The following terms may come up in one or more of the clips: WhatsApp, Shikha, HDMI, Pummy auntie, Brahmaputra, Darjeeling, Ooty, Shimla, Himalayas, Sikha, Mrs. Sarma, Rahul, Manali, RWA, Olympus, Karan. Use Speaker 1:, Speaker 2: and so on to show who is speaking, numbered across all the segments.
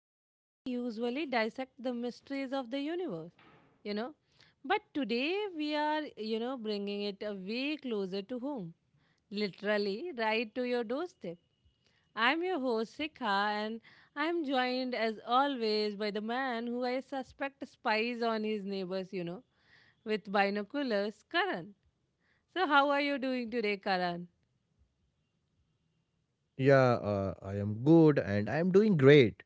Speaker 1: where we usually dissect the mysteries of the universe, you know. But today we are, bringing it a way closer to home, literally right to your doorstep. I'm your host, Sikha, and I'm joined as always by the man who I suspect spies on his neighbors, with binoculars, Karan. So, how are you doing today, Karan?
Speaker 2: Yeah, I am good and I am doing great.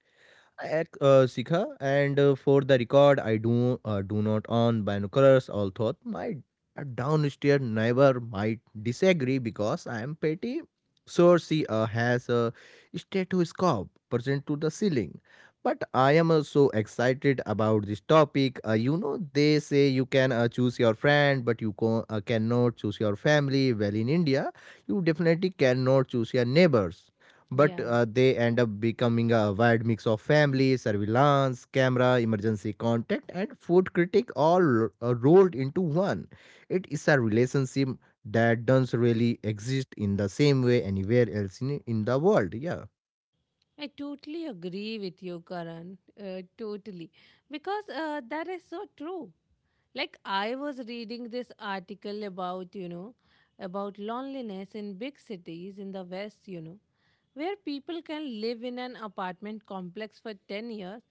Speaker 2: Sikha, and for the record, I do do not own binoculars. Although my downstairs neighbor might disagree because I am petty. So she has a stethoscope present to the ceiling. But I am so excited about this topic. You know, they say you can choose your friend, but you cannot choose your family. Well, in India, you definitely cannot choose your neighbors but
Speaker 1: Yeah.
Speaker 2: they end up becoming a wide mix of family, surveillance, camera, emergency contact, and food critic all rolled into one. It is a relationship that doesn't really exist in the same way anywhere else in the world. Yeah,
Speaker 1: I totally agree with you, Karan. Totally. Because that is so true. Like, I was reading this article about loneliness in big cities in the West, where people can live in an apartment complex for 10 years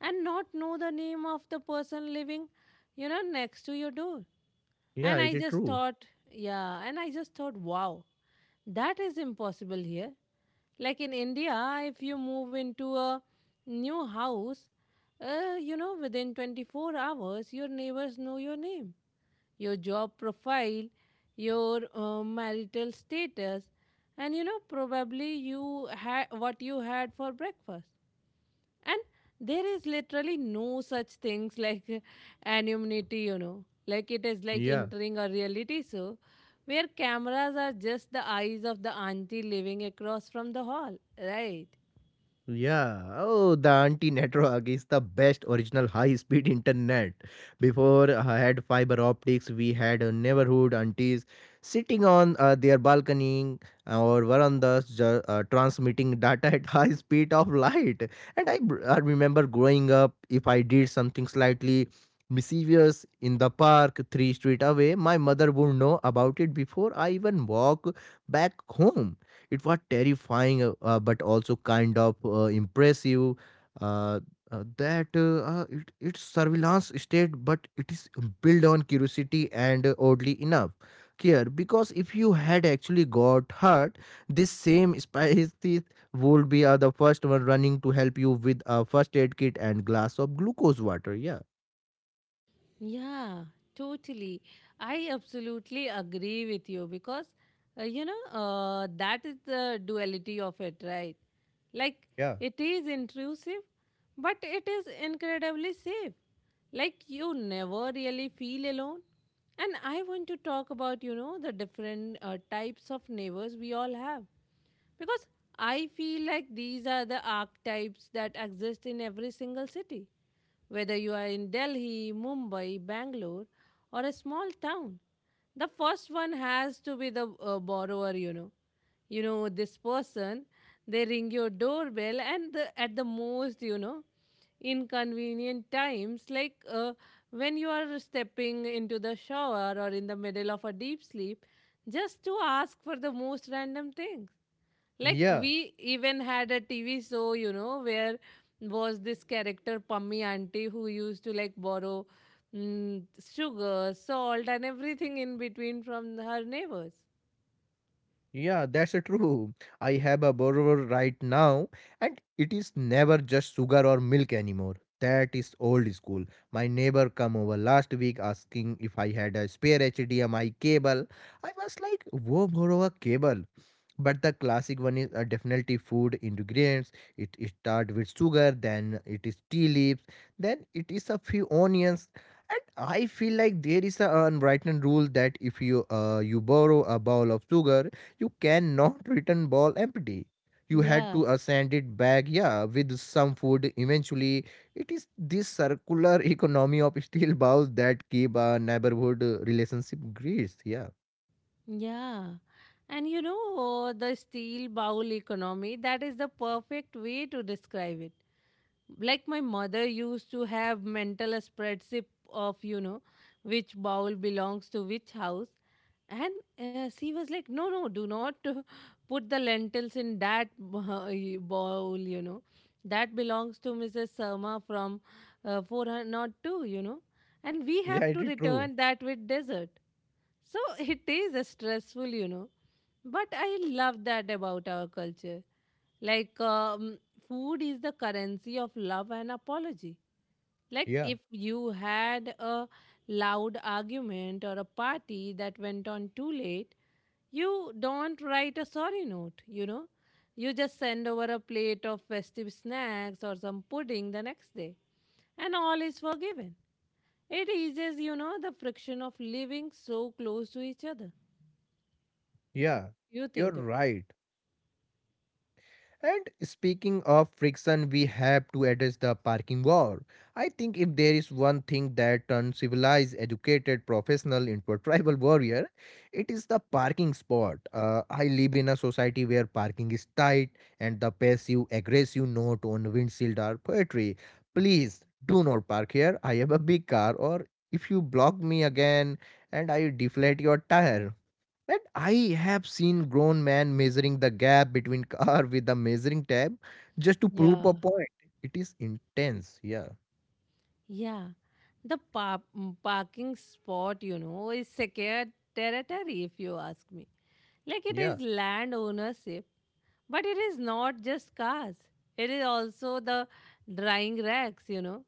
Speaker 1: and not know the name of the person living, next to your door.
Speaker 2: yeah,
Speaker 1: And I
Speaker 2: it is
Speaker 1: just
Speaker 2: true.
Speaker 1: thought, yeah, and I just thought, wow, that is impossible here. Like in India, if you move into a new house, within 24 hours, your neighbors know your name, your job profile, your marital status, and probably you had what you had for breakfast. And there is literally no such things like anonymity. Like it is like
Speaker 2: Yeah.
Speaker 1: entering a reality show where cameras are just the eyes of the auntie living across from the hall, right?
Speaker 2: Yeah. Oh, the Auntie Network is the best original high-speed internet. Before I had fiber optics, we had a neighborhood aunties sitting on their balcony or verandas transmitting data at high speed of light. I remember growing up, if I did something slightly mischievous in the park three street away, my mother would know about it before I even walk back home. It was terrifying, but also kind of impressive. Uh, it's surveillance state, but it is built on curiosity and oddly enough care. Because if you had actually got hurt, this same spice teeth would be the first one running to help you with a first aid kit and glass of glucose water. Yeah.
Speaker 1: Yeah, totally. I absolutely agree with you because, that is the duality of it, right? Like,
Speaker 2: Yeah,
Speaker 1: it is intrusive, but it is incredibly safe. Like, you never really feel alone. And I want to talk about, the different types of neighbors we all have. Because I feel like these are the archetypes that exist in every single city, whether you are in Delhi, Mumbai, Bangalore, or a small town, the first one has to be the borrower. This person, they ring your doorbell, and at the most, inconvenient times, like when you are stepping into the shower or in the middle of a deep sleep, just to ask for the most random things. Like
Speaker 2: Yeah.
Speaker 1: we even had a TV show, where was this character Pummy auntie who used to like borrow sugar, salt, and everything in between from her neighbors.
Speaker 2: Yeah, that's true. I have a borrower right now, and it is never just sugar or milk anymore. That is old school. My neighbor come over last week asking if I had a spare HDMI cable. I was like, "Wo borrow a cable." But the classic one is definitely food ingredients. It start with sugar, then it is tea leaves, then it is a few onions, and I feel like there is a unwritten rule that if you borrow a bowl of sugar you cannot return ball empty. You had
Speaker 1: Yeah,
Speaker 2: to send it back, yeah, with some food. Eventually, it is this circular economy of steel balls that keep a neighborhood relationship greased. Yeah,
Speaker 1: yeah. And the steel bowl economy, that is the perfect way to describe it. Like my mother used to have mental spreadsheet of, which bowl belongs to which house. And she was like, no, no, do not put the lentils in that bowl. That belongs to Mrs. Sarma from 402. And we have
Speaker 2: yeah,
Speaker 1: to
Speaker 2: it is true.
Speaker 1: return that with dessert. So it is stressful. But I love that about our culture. Like, food is the currency of love and apology. Like,
Speaker 2: Yeah,
Speaker 1: if you had a loud argument or a party that went on too late, you don't write a sorry note, you know. You just send over a plate of festive snacks or some pudding the next day, and all is forgiven. It eases, the friction of living so close to each other.
Speaker 2: yeah,
Speaker 1: You
Speaker 2: you're
Speaker 1: think about
Speaker 2: right. And speaking of friction, we have to address the parking war. I think if there is one thing that turns civilized, educated professional into a tribal warrior, it is the parking spot. I live in a society where parking is tight and the passive aggressive note on windshield are poetry. Please do not park here. I have a big car, or if you block me again and I deflate your tire. And I have seen grown man measuring the gap between car with a measuring tape just to
Speaker 1: it.
Speaker 2: prove a
Speaker 1: Yeah.
Speaker 2: point. It is intense. Yeah,
Speaker 1: Yeah, the parking spot, is secured territory if you ask me. Like it
Speaker 2: Yeah.
Speaker 1: is land ownership, but it is not just cars. It is also the drying racks. you know,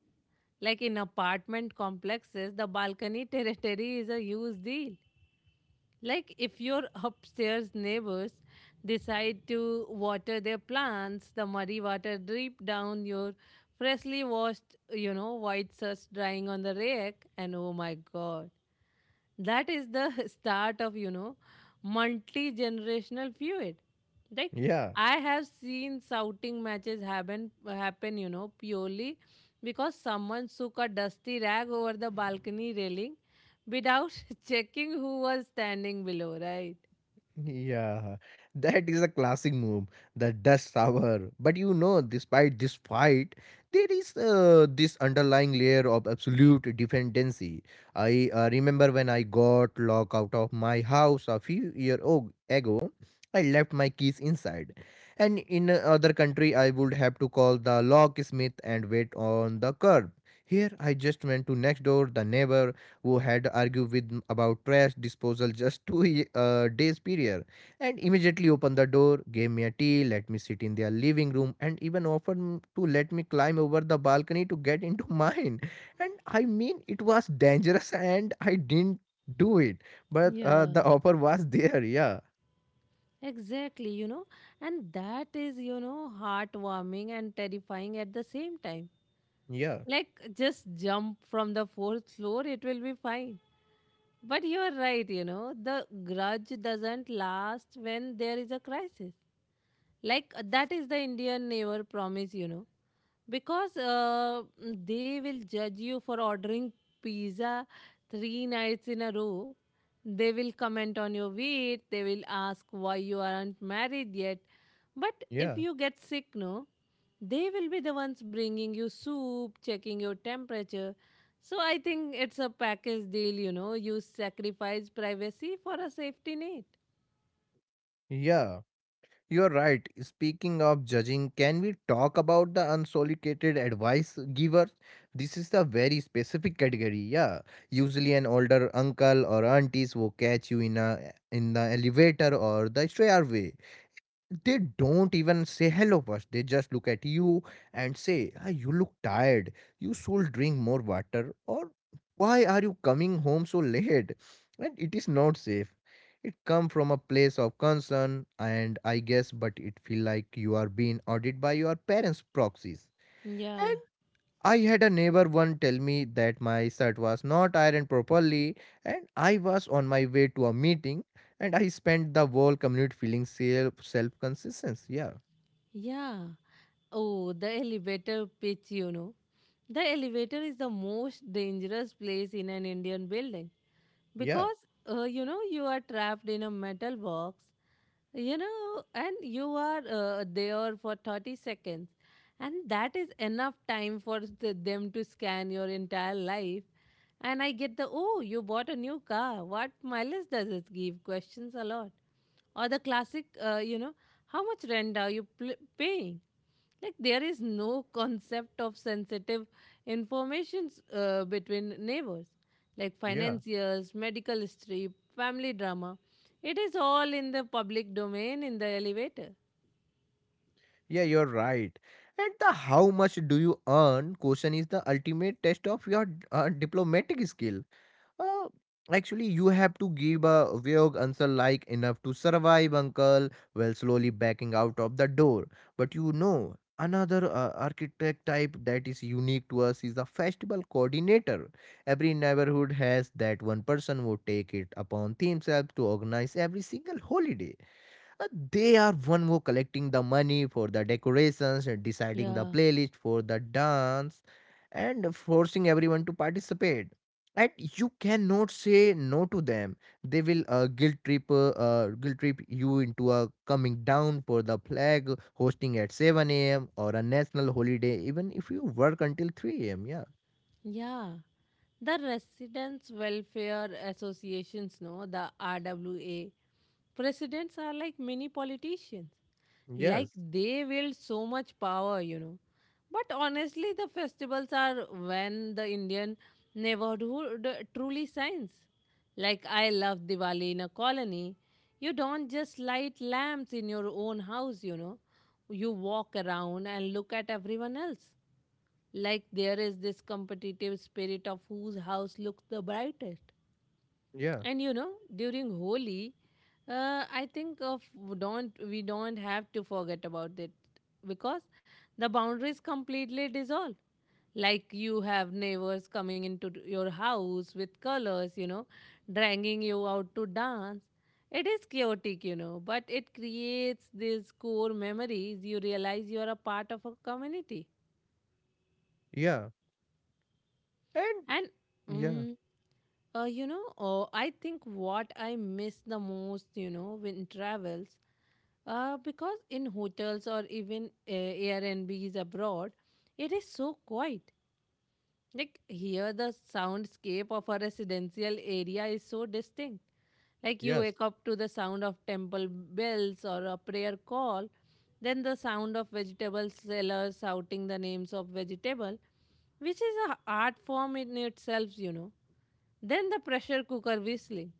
Speaker 1: Like in apartment complexes, the balcony territory is a huge deal. Like if your upstairs neighbors decide to water their plants, the muddy water drip down your freshly washed, white shirts drying on the rack, and oh my god, that is the start of multi-generational feud. Like
Speaker 2: Yeah.
Speaker 1: I have seen shouting matches happen, purely because someone shook a dusty rag over the balcony railing without checking who was standing below, right?
Speaker 2: Yeah, that is a classic move, the dust shower. But you know, despite this fight, there is this underlying layer of absolute dependency. I remember when I got locked out of my house a few year o- ago, I left my keys inside. And in other country, I would have to call the locksmith and wait on the curb. Here, I just went to next door, the neighbor, who had argued about trash disposal just two days prior and immediately opened the door, gave me a tea, let me sit in their living room, and even to let me climb over the balcony to get into mine. And I mean, it was dangerous and I didn't do it, but
Speaker 1: Yeah,
Speaker 2: the offer was there. Yeah,
Speaker 1: exactly, and that is, heartwarming and terrifying at the same time.
Speaker 2: yeah,
Speaker 1: Like, just jump from the fourth floor, it will be fine. But you're right, the grudge doesn't last when there is a crisis. Like, that is the Indian neighbor promise. Because they will judge you for ordering pizza 3 nights in a row. They will comment on your weight, they will ask why you aren't married yet. But if
Speaker 2: yeah,
Speaker 1: you get sick, no, they will be the ones bringing you soup, checking your temperature. So I think it's a package deal, you sacrifice privacy for a safety net.
Speaker 2: yeah. You're right. Speaking of judging, can we talk about the unsolicited advice givers? This is a very specific category. Yeah, usually an older uncle or aunties will catch you in the elevator or the stairway. They don't even say hello first, they just look at you and say, ah, you look tired, you should drink more water, or why are you coming home so late, and it is not safe. It come from a place of concern and I guess, but it feel like you are being audited by your parents proxies.
Speaker 1: Yeah.
Speaker 2: I had a neighbor one tell me that my shirt was not ironed properly and I was on my way to a meeting and I spent the whole commute feeling self consciousness. Yeah.
Speaker 1: Yeah. Oh, the elevator pitch. The elevator is the most dangerous place in an Indian building
Speaker 2: Yeah,
Speaker 1: because you are trapped in a metal box, and you are there for 30 seconds, and that is enough time for them to scan your entire life. And I get the oh you bought a new car what mileage does it give questions a lot, or the classic how much rent are you paying. Like there is no concept of sensitive informations between neighbors, like
Speaker 2: yeah.
Speaker 1: financiers, medical history, family drama. It is all in the public domain in the elevator.
Speaker 2: Yeah, you're right. And the how much do you earn question is the ultimate test of your diplomatic skill. Uh, Actually, you have to give a vague answer like enough to survive, uncle, while slowly backing out of the door. But you know, another architect type that is unique to us is the festival coordinator. Every neighborhood has that one person who take it upon themselves to organize every single holiday. They are one who collecting the money for the decorations, and deciding the
Speaker 1: Yeah.
Speaker 2: playlist for the dance, and forcing everyone to participate. And you cannot say no to them. They will guilt trip you into a coming down for the flag hosting at 7 a.m. or a national holiday, even if you work until 3 a.m. Yeah.
Speaker 1: Yeah. The Residents Welfare Associations, no, the RWA, presidents are like mini politicians. Like
Speaker 2: Yes.
Speaker 1: they wield so much power. But honestly, the festivals are when the Indian neighborhood truly shines. Like I love Diwali in a colony. You don't just light lamps in your own house, you know. You walk around and look at everyone else like there is this competitive spirit of whose house looks the brightest.
Speaker 2: Yeah.
Speaker 1: And during Holi, I think of don't we don't have to forget about it because the boundaries completely dissolve. Like you have neighbors coming into your house with colors, dragging you out to dance. It is chaotic, but it creates these core memories. You realize you are a part of a community.
Speaker 2: Yeah. And
Speaker 1: And
Speaker 2: yeah.
Speaker 1: mm, I think what I miss the most, when travels, because in hotels or even Airbnbs abroad, it is so quiet. Like here, the soundscape of a residential area is so distinct. Like you
Speaker 2: Yes.
Speaker 1: wake up to the sound of temple bells or a prayer call, then the sound of vegetable sellers shouting the names of vegetable which is a art form in itself. Then the pressure cooker whistling.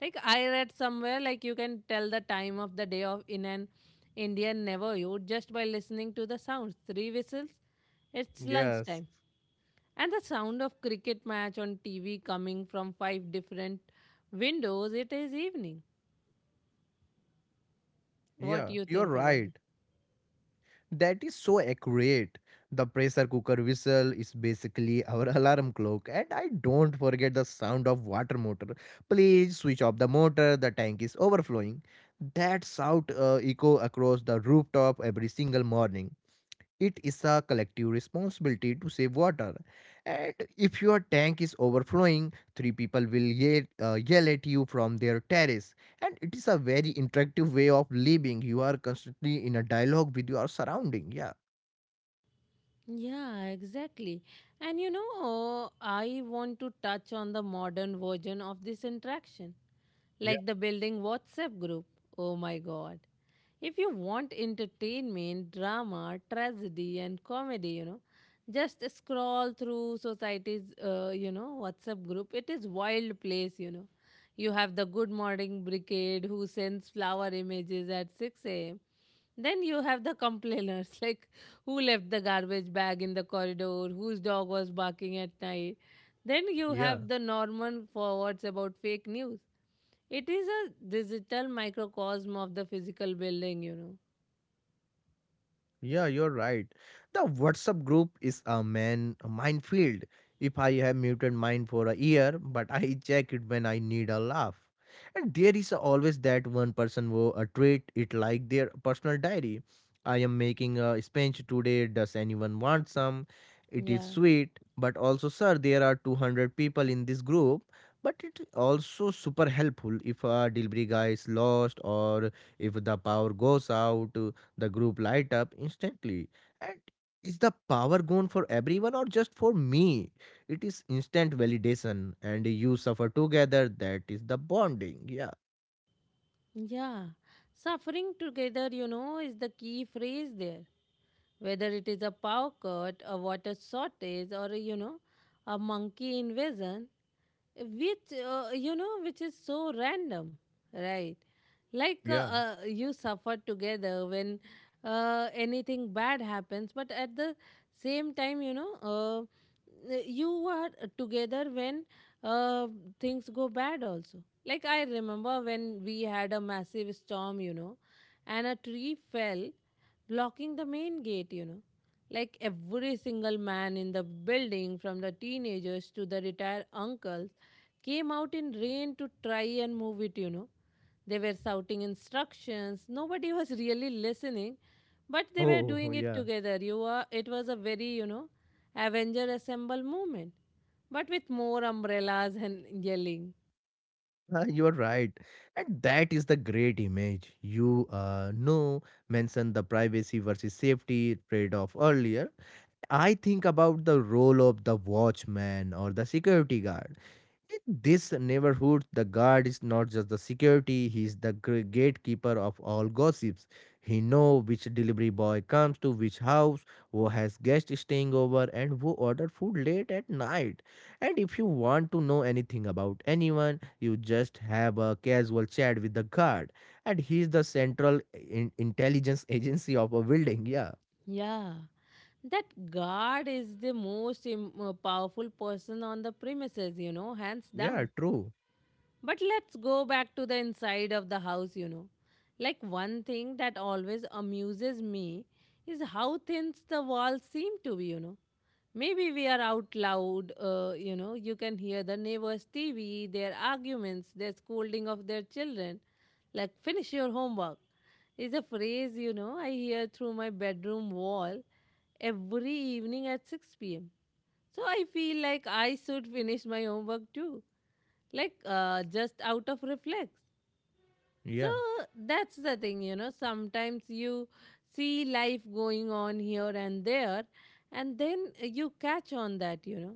Speaker 1: Like I read somewhere, like you can tell the time of the day of in an Indian Navajo just by listening to the sounds. Three whistles, it's
Speaker 2: Yes.
Speaker 1: lunchtime. And the sound of cricket match on TV coming from five different windows, it is evening. What
Speaker 2: Yeah.
Speaker 1: you
Speaker 2: You're
Speaker 1: think about it?
Speaker 2: right. That is so accurate. The pressure cooker whistle is basically our alarm clock, and I don't forget the sound of water motor. Please switch off the motor, the tank is overflowing. That shout echo across the rooftop every single morning. It is a collective responsibility to save water. And if your tank is overflowing, three people will yell at you from their terrace. And it is a very interactive way of living. You are constantly in a dialogue with your surrounding. Yeah.
Speaker 1: Yeah, exactly. And I want to touch on the modern version of this interaction,
Speaker 2: Yeah.
Speaker 1: like the building WhatsApp group. Oh my god. If you want entertainment, drama, tragedy, and comedy, just scroll through society's, WhatsApp group. It is wild place, you know. You have the Good Morning Brigade who sends flower images at 6 a.m. Then you have the complainers, like who left the garbage bag in the corridor, whose dog was barking at night. Then you
Speaker 2: Yeah.
Speaker 1: have the Norman forwards about fake news. It is a digital microcosm of the physical building.
Speaker 2: Yeah, you're right. The WhatsApp group is a minefield. If I have muted mine for a year, but I check it when I need a laugh. And there is always that one person who treat it like their personal diary. I am making a sponge today. Does anyone want some? It is
Speaker 1: Yeah.
Speaker 2: sweet, but also, sir, there are 200 people in this group. But it also super helpful if a delivery guy is lost or if the power goes out the group light up instantly. And is the power gone for everyone or just for me? It is instant validation, and you suffer together. That is the bonding. Yeah.
Speaker 1: Yeah. Suffering together, is the key phrase there. Whether it is a power cut, a water shortage, or a monkey invasion, which is so random, right? Like
Speaker 2: Yeah.
Speaker 1: you suffer together when anything bad happens, but at the same time, you are together when uh, things go bad also. Like I remember when we had a massive storm, and a tree fell, blocking the main gate. Like every single man in the building, from the teenagers to the retired uncles, came out in rain to try and move it. They were shouting instructions. Nobody was really listening, but they were
Speaker 2: Oh,
Speaker 1: doing it
Speaker 2: yeah.
Speaker 1: together. It was a very, Avenger Assemble movement, but with more umbrellas and yelling.
Speaker 2: Ah, you are right. And that is the great image. You know, mentioned the privacy versus safety trade off earlier. I think about the role of the watchman or the security guard. In this neighborhood, the guard is not just the security, he is the gatekeeper of all gossips. He know which delivery boy comes to which house, who has guests staying over, and who order food late at night. And if you want to know anything about anyone, you just have a casual chat with the guard. And he is the central intelligence agency of a building. Yeah,
Speaker 1: Yeah, that guard is the most powerful person on the premises, hands
Speaker 2: yeah,
Speaker 1: down.
Speaker 2: true.
Speaker 1: But let's go back to the inside of the house. Like one thing that always amuses me is how thin the walls seem to be. Maybe we are out loud, you can hear the neighbors' TV, their arguments, their scolding of their children. Like, finish your homework is a phrase, I hear through my bedroom wall every evening at 6 p.m. So I feel like I should finish my homework too, like just out of reflex. So
Speaker 2: Yeah.
Speaker 1: that's the thing. Sometimes you see life going on here and there, and then you catch on that, you know.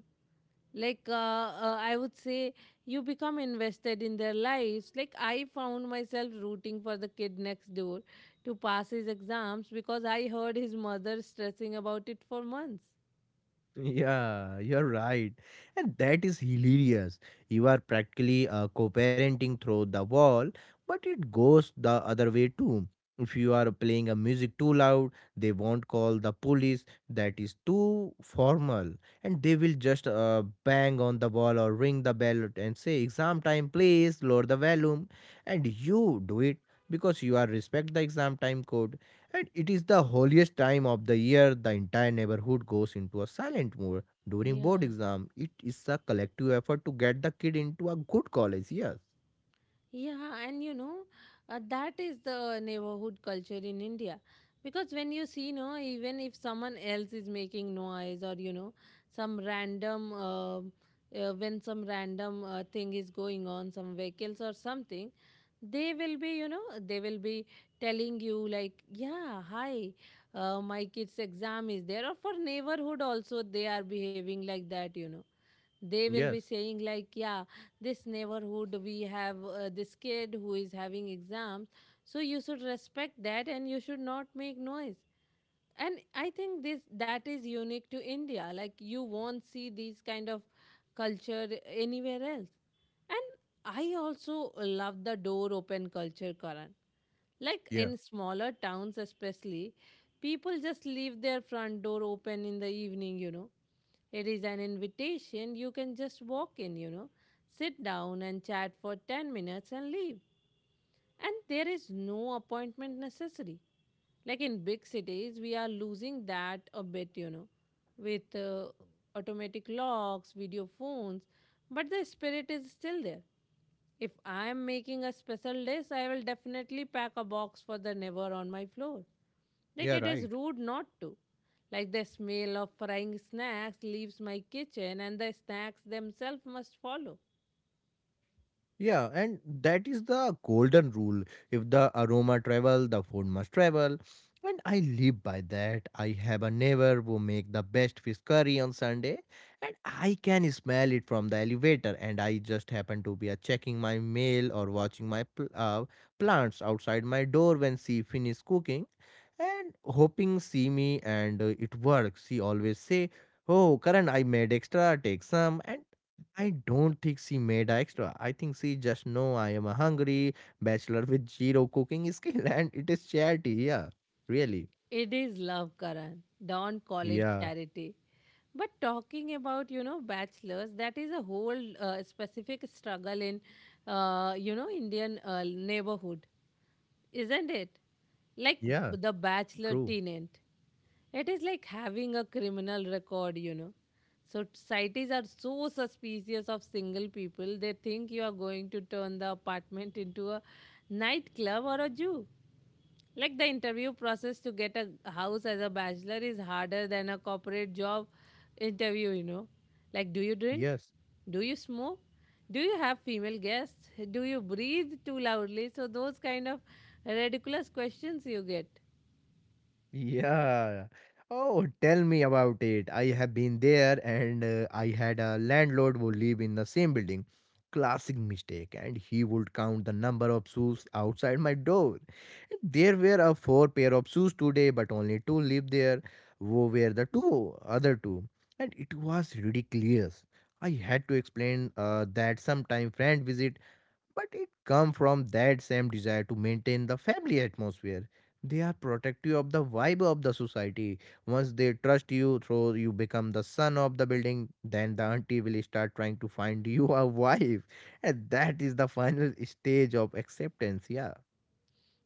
Speaker 1: I would say, you become invested in their lives. Like I found myself rooting for the kid next door to pass his exams because I heard his mother stressing about it for months.
Speaker 2: Yeah, you're right. And that is hilarious. You are practically co parenting through the wall, but it goes the other way too. If you are playing a music too loud, they won't call the police. That is too formal. And they will just bang on the wall or ring the bell and say, Exam time, please lower the volume. And you do it because you are respect the exam time code and it is the holiest time of the year. The entire neighborhood goes into a silent mode during board
Speaker 1: Yeah,
Speaker 2: exam. It is a collective effort to get the kid into a good college. Yes.
Speaker 1: yeah, and that is the neighborhood culture in India. Because when you see, no, even if someone else is making noise or, you know, some random, uh, some random thing is going on, some vehicles or something, they will be, you know, they will be telling you, like, yeah, hi, my kid's exam is there. Or for neighborhood also, they are behaving like that, you know, they will be
Speaker 2: Yes.
Speaker 1: saying like, yeah, this neighborhood we have this kid who is having exams, so you should respect that and you should not make noise. And I think this that is unique to India. Like, you won't see these kind of culture anywhere else. And I also love the door open culture, Karan. Like
Speaker 2: Yeah.
Speaker 1: in smaller towns especially, people just leave their front door open in the evening, you know, it is an invitation. You can just walk in, you know, sit down and chat for 10 minutes and leave, and there is no appointment necessary. Like in big cities we are losing that a bit, you know, with automatic locks, video phones, but the spirit is still there. If I am making a special dish, I will definitely pack a box for the never on my floor, like
Speaker 2: Yeah.
Speaker 1: it is
Speaker 2: Right.
Speaker 1: rude not to. Like the smell of frying snacks leaves my kitchen and the snacks themselves must follow.
Speaker 2: Yeah, and that is the golden rule. If the aroma travel, the food must travel. And I live by that. I have a neighbor who make the best fish curry on Sunday, and I can smell it from the elevator. And I just happen to be checking my mail or watching my plants outside my door when she finish cooking, and hoping see me. And it works. She always say, "Oh, Karan, I made extra. Take some." And I don't think she made a extra. I think she just know I am a hungry bachelor with zero cooking skill and it is charity. Yeah, really.
Speaker 1: It is love, Karan. Don't call it
Speaker 2: Yeah,
Speaker 1: charity. But talking about, you know, bachelors, that is a whole specific struggle in, you know, Indian neighborhood, isn't it? Like
Speaker 2: yeah,
Speaker 1: the bachelor
Speaker 2: true.
Speaker 1: tenant. It is like having a criminal record, you know. So societies are so suspicious of single people, they think you are going to turn the apartment into a nightclub or a zoo. Like the interview process to get a house as a bachelor is harder than a corporate job interview, you know. Like, do you drink?
Speaker 2: Yes.
Speaker 1: Do you smoke? Do you have female guests? Do you breathe too loudly? So, those kind of ridiculous questions you get.
Speaker 2: Yeah. Oh, tell me about it. I have been there and I had a landlord who lived in the same building. Classic mistake. And he would count the number of shoes outside my door. There were a four pair of shoes today, but only two lived there. Who were the two other two? And it was ridiculous. I had to explain that sometime friend visit, but it come from that same desire to maintain the family atmosphere. They are protective of the vibe of the society. Once they trust you, so you become the son of the building, then the auntie will start trying to find you a wife, and that is the final stage of acceptance. Yeah,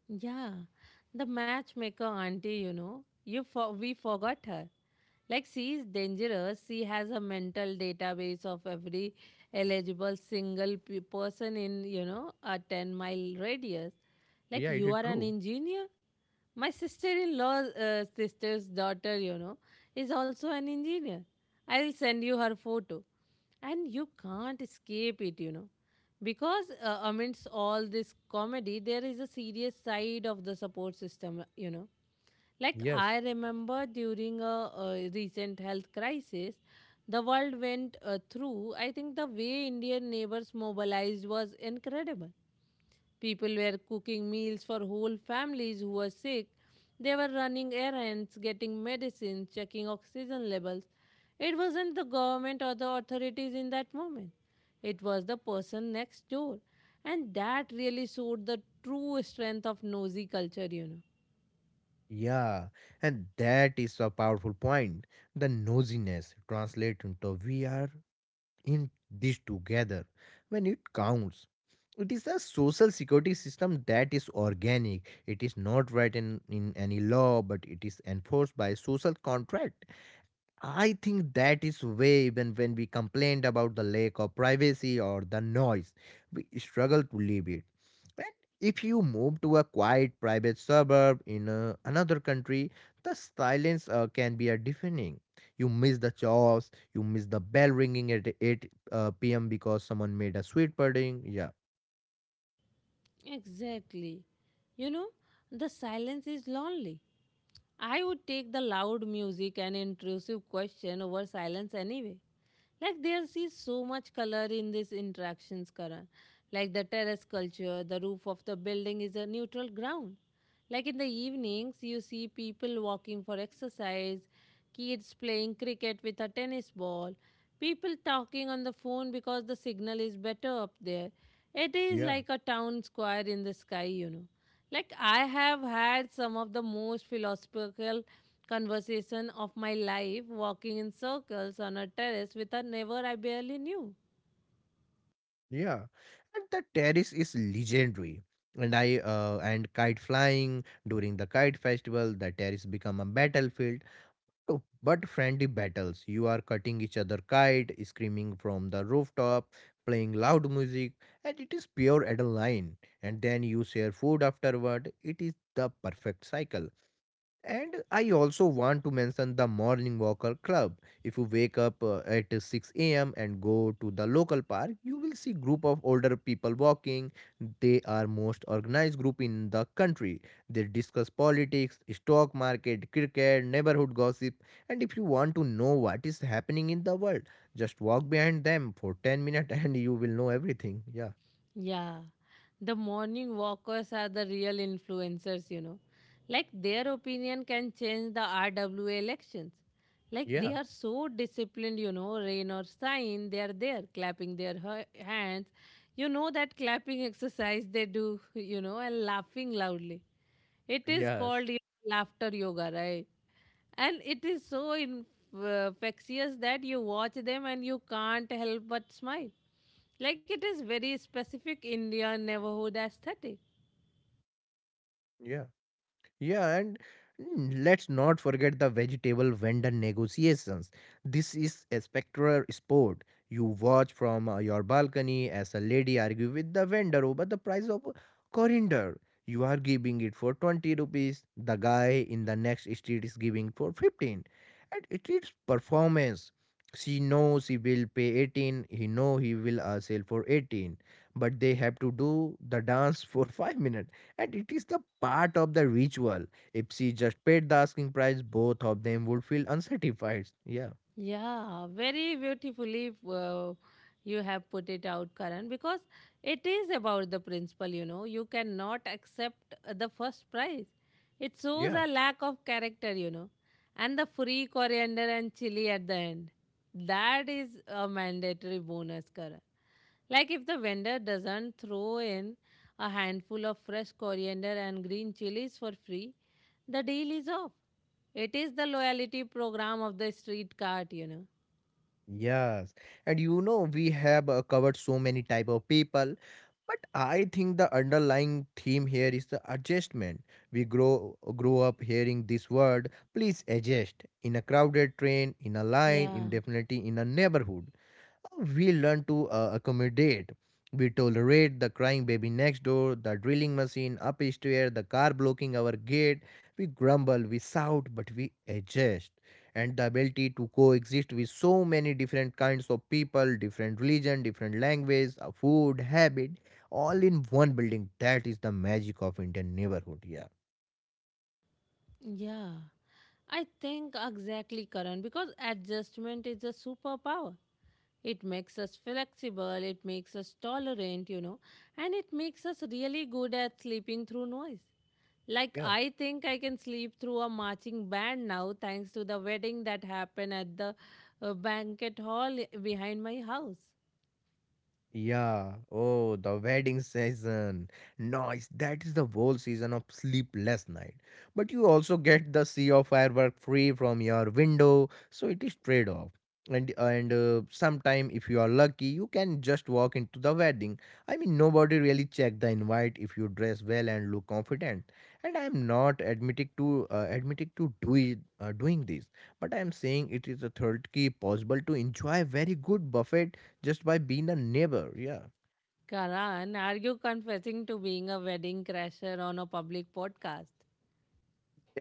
Speaker 1: Yeah, the matchmaker auntie, you know, you for we forgot her. Like she is dangerous. She has a mental database of every eligible single person in, you know, a 10 mile radius. Like
Speaker 2: yeah, it
Speaker 1: you
Speaker 2: is
Speaker 1: are an
Speaker 2: true.
Speaker 1: engineer. My sister-in-law's sister's daughter, you know, is also an engineer. I will send you her photo, and you can't escape it, you know. Because amidst all this comedy, there is a serious side of the support system, you know. Like
Speaker 2: Yes.
Speaker 1: I remember during a recent health crisis, the world went through. I think the way Indian neighbors mobilized was incredible. People were cooking meals for whole families who were sick. They were running errands, getting medicines, checking oxygen levels. It wasn't the government or the authorities in that moment. It was the person next door. And that really showed the true strength of nosy culture, you know.
Speaker 2: Yeah, and that is a powerful point. The nosiness translate into we are in this together when it counts. It is a social security system that is organic. It is not written in any law, but it is enforced by social contract. I think that is way when we complained about the lack of privacy or the noise, we struggle to leave it. But if you move to a quiet private suburb in another country, the silence can be a deafening. You miss the chores, you miss the bell ringing at 8 p.m. because someone made a sweet pudding. Yeah,
Speaker 1: Exactly. You know, the silence is lonely. I would take the loud music and intrusive question over silence anyway. Like there is so much color in these interactions, Karan. Like the terrace culture, the roof of the building is a neutral ground. Like in the evenings, you see people walking for exercise, kids playing cricket with a tennis ball, people talking on the phone because the signal is better up there. It is
Speaker 2: yeah.
Speaker 1: like a town square in the sky, you know. Like I have had some of the most philosophical conversation of my life walking in circles on a terrace with a neighbor I barely knew.
Speaker 2: Yeah, and the terrace is legendary. And I and kite flying during the kite festival, the terrace become a battlefield. Oh, but friendly battles. You are cutting each other kite, screaming from the rooftop, playing loud music, and it is pure adrenaline. And then you share food afterward. It is the perfect cycle. And I also want to mention the Morning Walker Club. If you wake up at 6 a.m. and go to the local park, you will see group of older people walking. They are most organized group in the country. They discuss politics, stock market, cricket, neighborhood gossip, and if you want to know what is happening in the world, just walk behind them for 10 minutes and you will know everything. Yeah.
Speaker 1: Yeah, the morning walkers are the real influencers, you know. Like their opinion can change the RWA elections. Like they
Speaker 2: Yeah.
Speaker 1: are so disciplined, you know, rain or shine, they are there clapping their hands. You know that clapping exercise they do, you know, and laughing loudly. It is
Speaker 2: Yes.
Speaker 1: called, you know, laughter yoga, right? And it is so infectious that you watch them and you can't help but smile. Like it is very specific Indian neighborhood aesthetic.
Speaker 2: Yeah. Yeah, and let's not forget the vegetable vendor negotiations. This is a spectral sport. You watch from your balcony as a lady argue with the vendor over the price of coriander. You are giving it for 20 rupees. The guy in the next street is giving for 15. And it is performance. She knows he will pay 18. He know he will sell for 18. But they have to do the dance for 5 minutes, and it is the part of the ritual. If she just paid the asking price, both of them would feel unsatisfied. Yeah,
Speaker 1: Yeah, very beautifully you have put it out, Karan, because it is about the principle, you know. You cannot accept the first prize. It shows
Speaker 2: yeah,
Speaker 1: a lack of character, you know. And the free coriander and chili at the end. That is a mandatory bonus, Karan. Like if the vendor doesn't throw in a handful of fresh coriander and green chilies for free, the deal is off. It is the loyalty program of the street cart, you know.
Speaker 2: yes. And you know, we have covered so many type of people, but I think the underlying theme here is the adjustment. We grow up hearing this word, please adjust in a crowded train, in a line,
Speaker 1: Yeah,
Speaker 2: in definitely in a neighborhood. We learn to accommodate. We tolerate the crying baby next door, the drilling machine upstairs, the car blocking our gate. We grumble, we shout, but we adjust. And the ability to coexist with so many different kinds of people, different religion, different language, food, habit, all in one building. That is the magic of Indian neighborhood.
Speaker 1: yeah. I think exactly, Karan, because adjustment is a superpower. It makes us flexible, it makes us tolerant, you know, and it makes us really good at sleeping through noise. Like,
Speaker 2: Yeah.
Speaker 1: I think I can sleep through a marching band now thanks to the wedding that happened at the banquet hall behind my house.
Speaker 2: Yeah. Oh, the wedding season. Nice. That is the whole season of sleepless night. But you also get the sea of firework free from your window, so it is trade off. And sometime if you are lucky, you can just walk into the wedding. I mean, nobody really check the invite if you dress well and look confident. And I am not admitting to doing this, but I am saying it is a third key possible to enjoy very good buffet just by being a neighbor. Yeah.
Speaker 1: Karan, are you confessing to being a wedding crasher on a public podcast?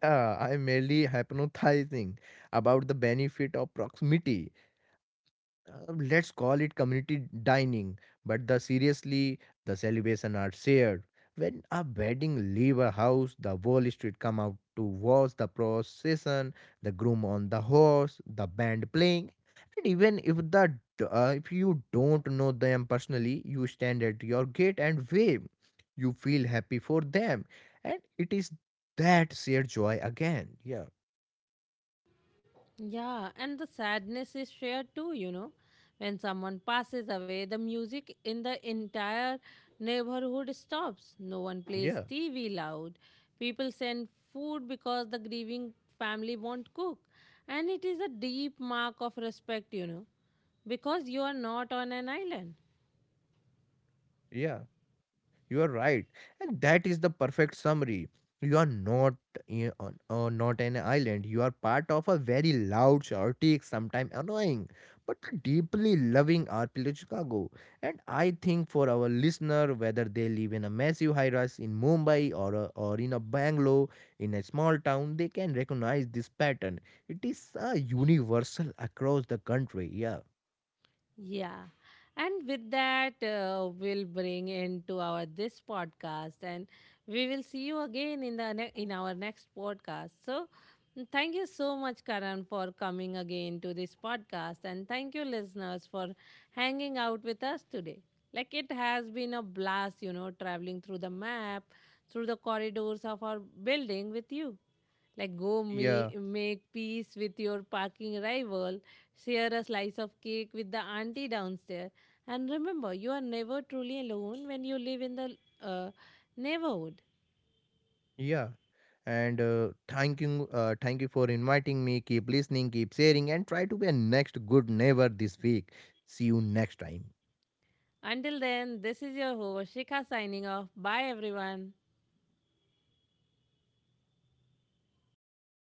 Speaker 2: Yeah, I'm merely hypnotizing about the benefit of proximity. Let's call it community dining, but the seriously, the celebration are shared. When a wedding leave a house, the whole street come out to watch the procession, the groom on the horse, the band playing, and even if if you don't know them personally, you stand at your gate and wave. You feel happy for them, and it is that shared joy again. Yeah,
Speaker 1: Yeah, and the sadness is shared too, you know. When someone passes away, the music in the entire neighborhood stops. No one plays
Speaker 2: yeah,
Speaker 1: TV loud. People send food because the grieving family won't cook. And it is a deep mark of respect, you know, because you are not on an island.
Speaker 2: yeah. You are right, and that is the perfect summary. You are not I- on not an island. You are part of a very loud, chaotic, sometimes annoying, but deeply loving archipelago Chicago. And I think for our listener, whether they live in a massive high-rise in Mumbai or in a Bangalore, in a small town, they can recognize this pattern. It is universal across the country. Yeah.
Speaker 1: Yeah. And with that, we'll bring into our this podcast, and we will see you again in the in our next podcast. So, thank you so much, Karan, for coming again to this podcast, and thank you, listeners, for hanging out with us today. Like it has been a blast, you know, traveling through the map, through the corridors of our building with you. Like,
Speaker 2: Yeah.
Speaker 1: make peace with your parking rival, share a slice of cake with the auntie downstairs, and remember, you are never truly alone when you live in the uh, neighborhood.
Speaker 2: Yeah. And thank you for inviting me. Keep listening, keep sharing, and try to be a next good neighbor this week. See you next time.
Speaker 1: Until then, this is your host, Shikha, signing off. Bye, everyone.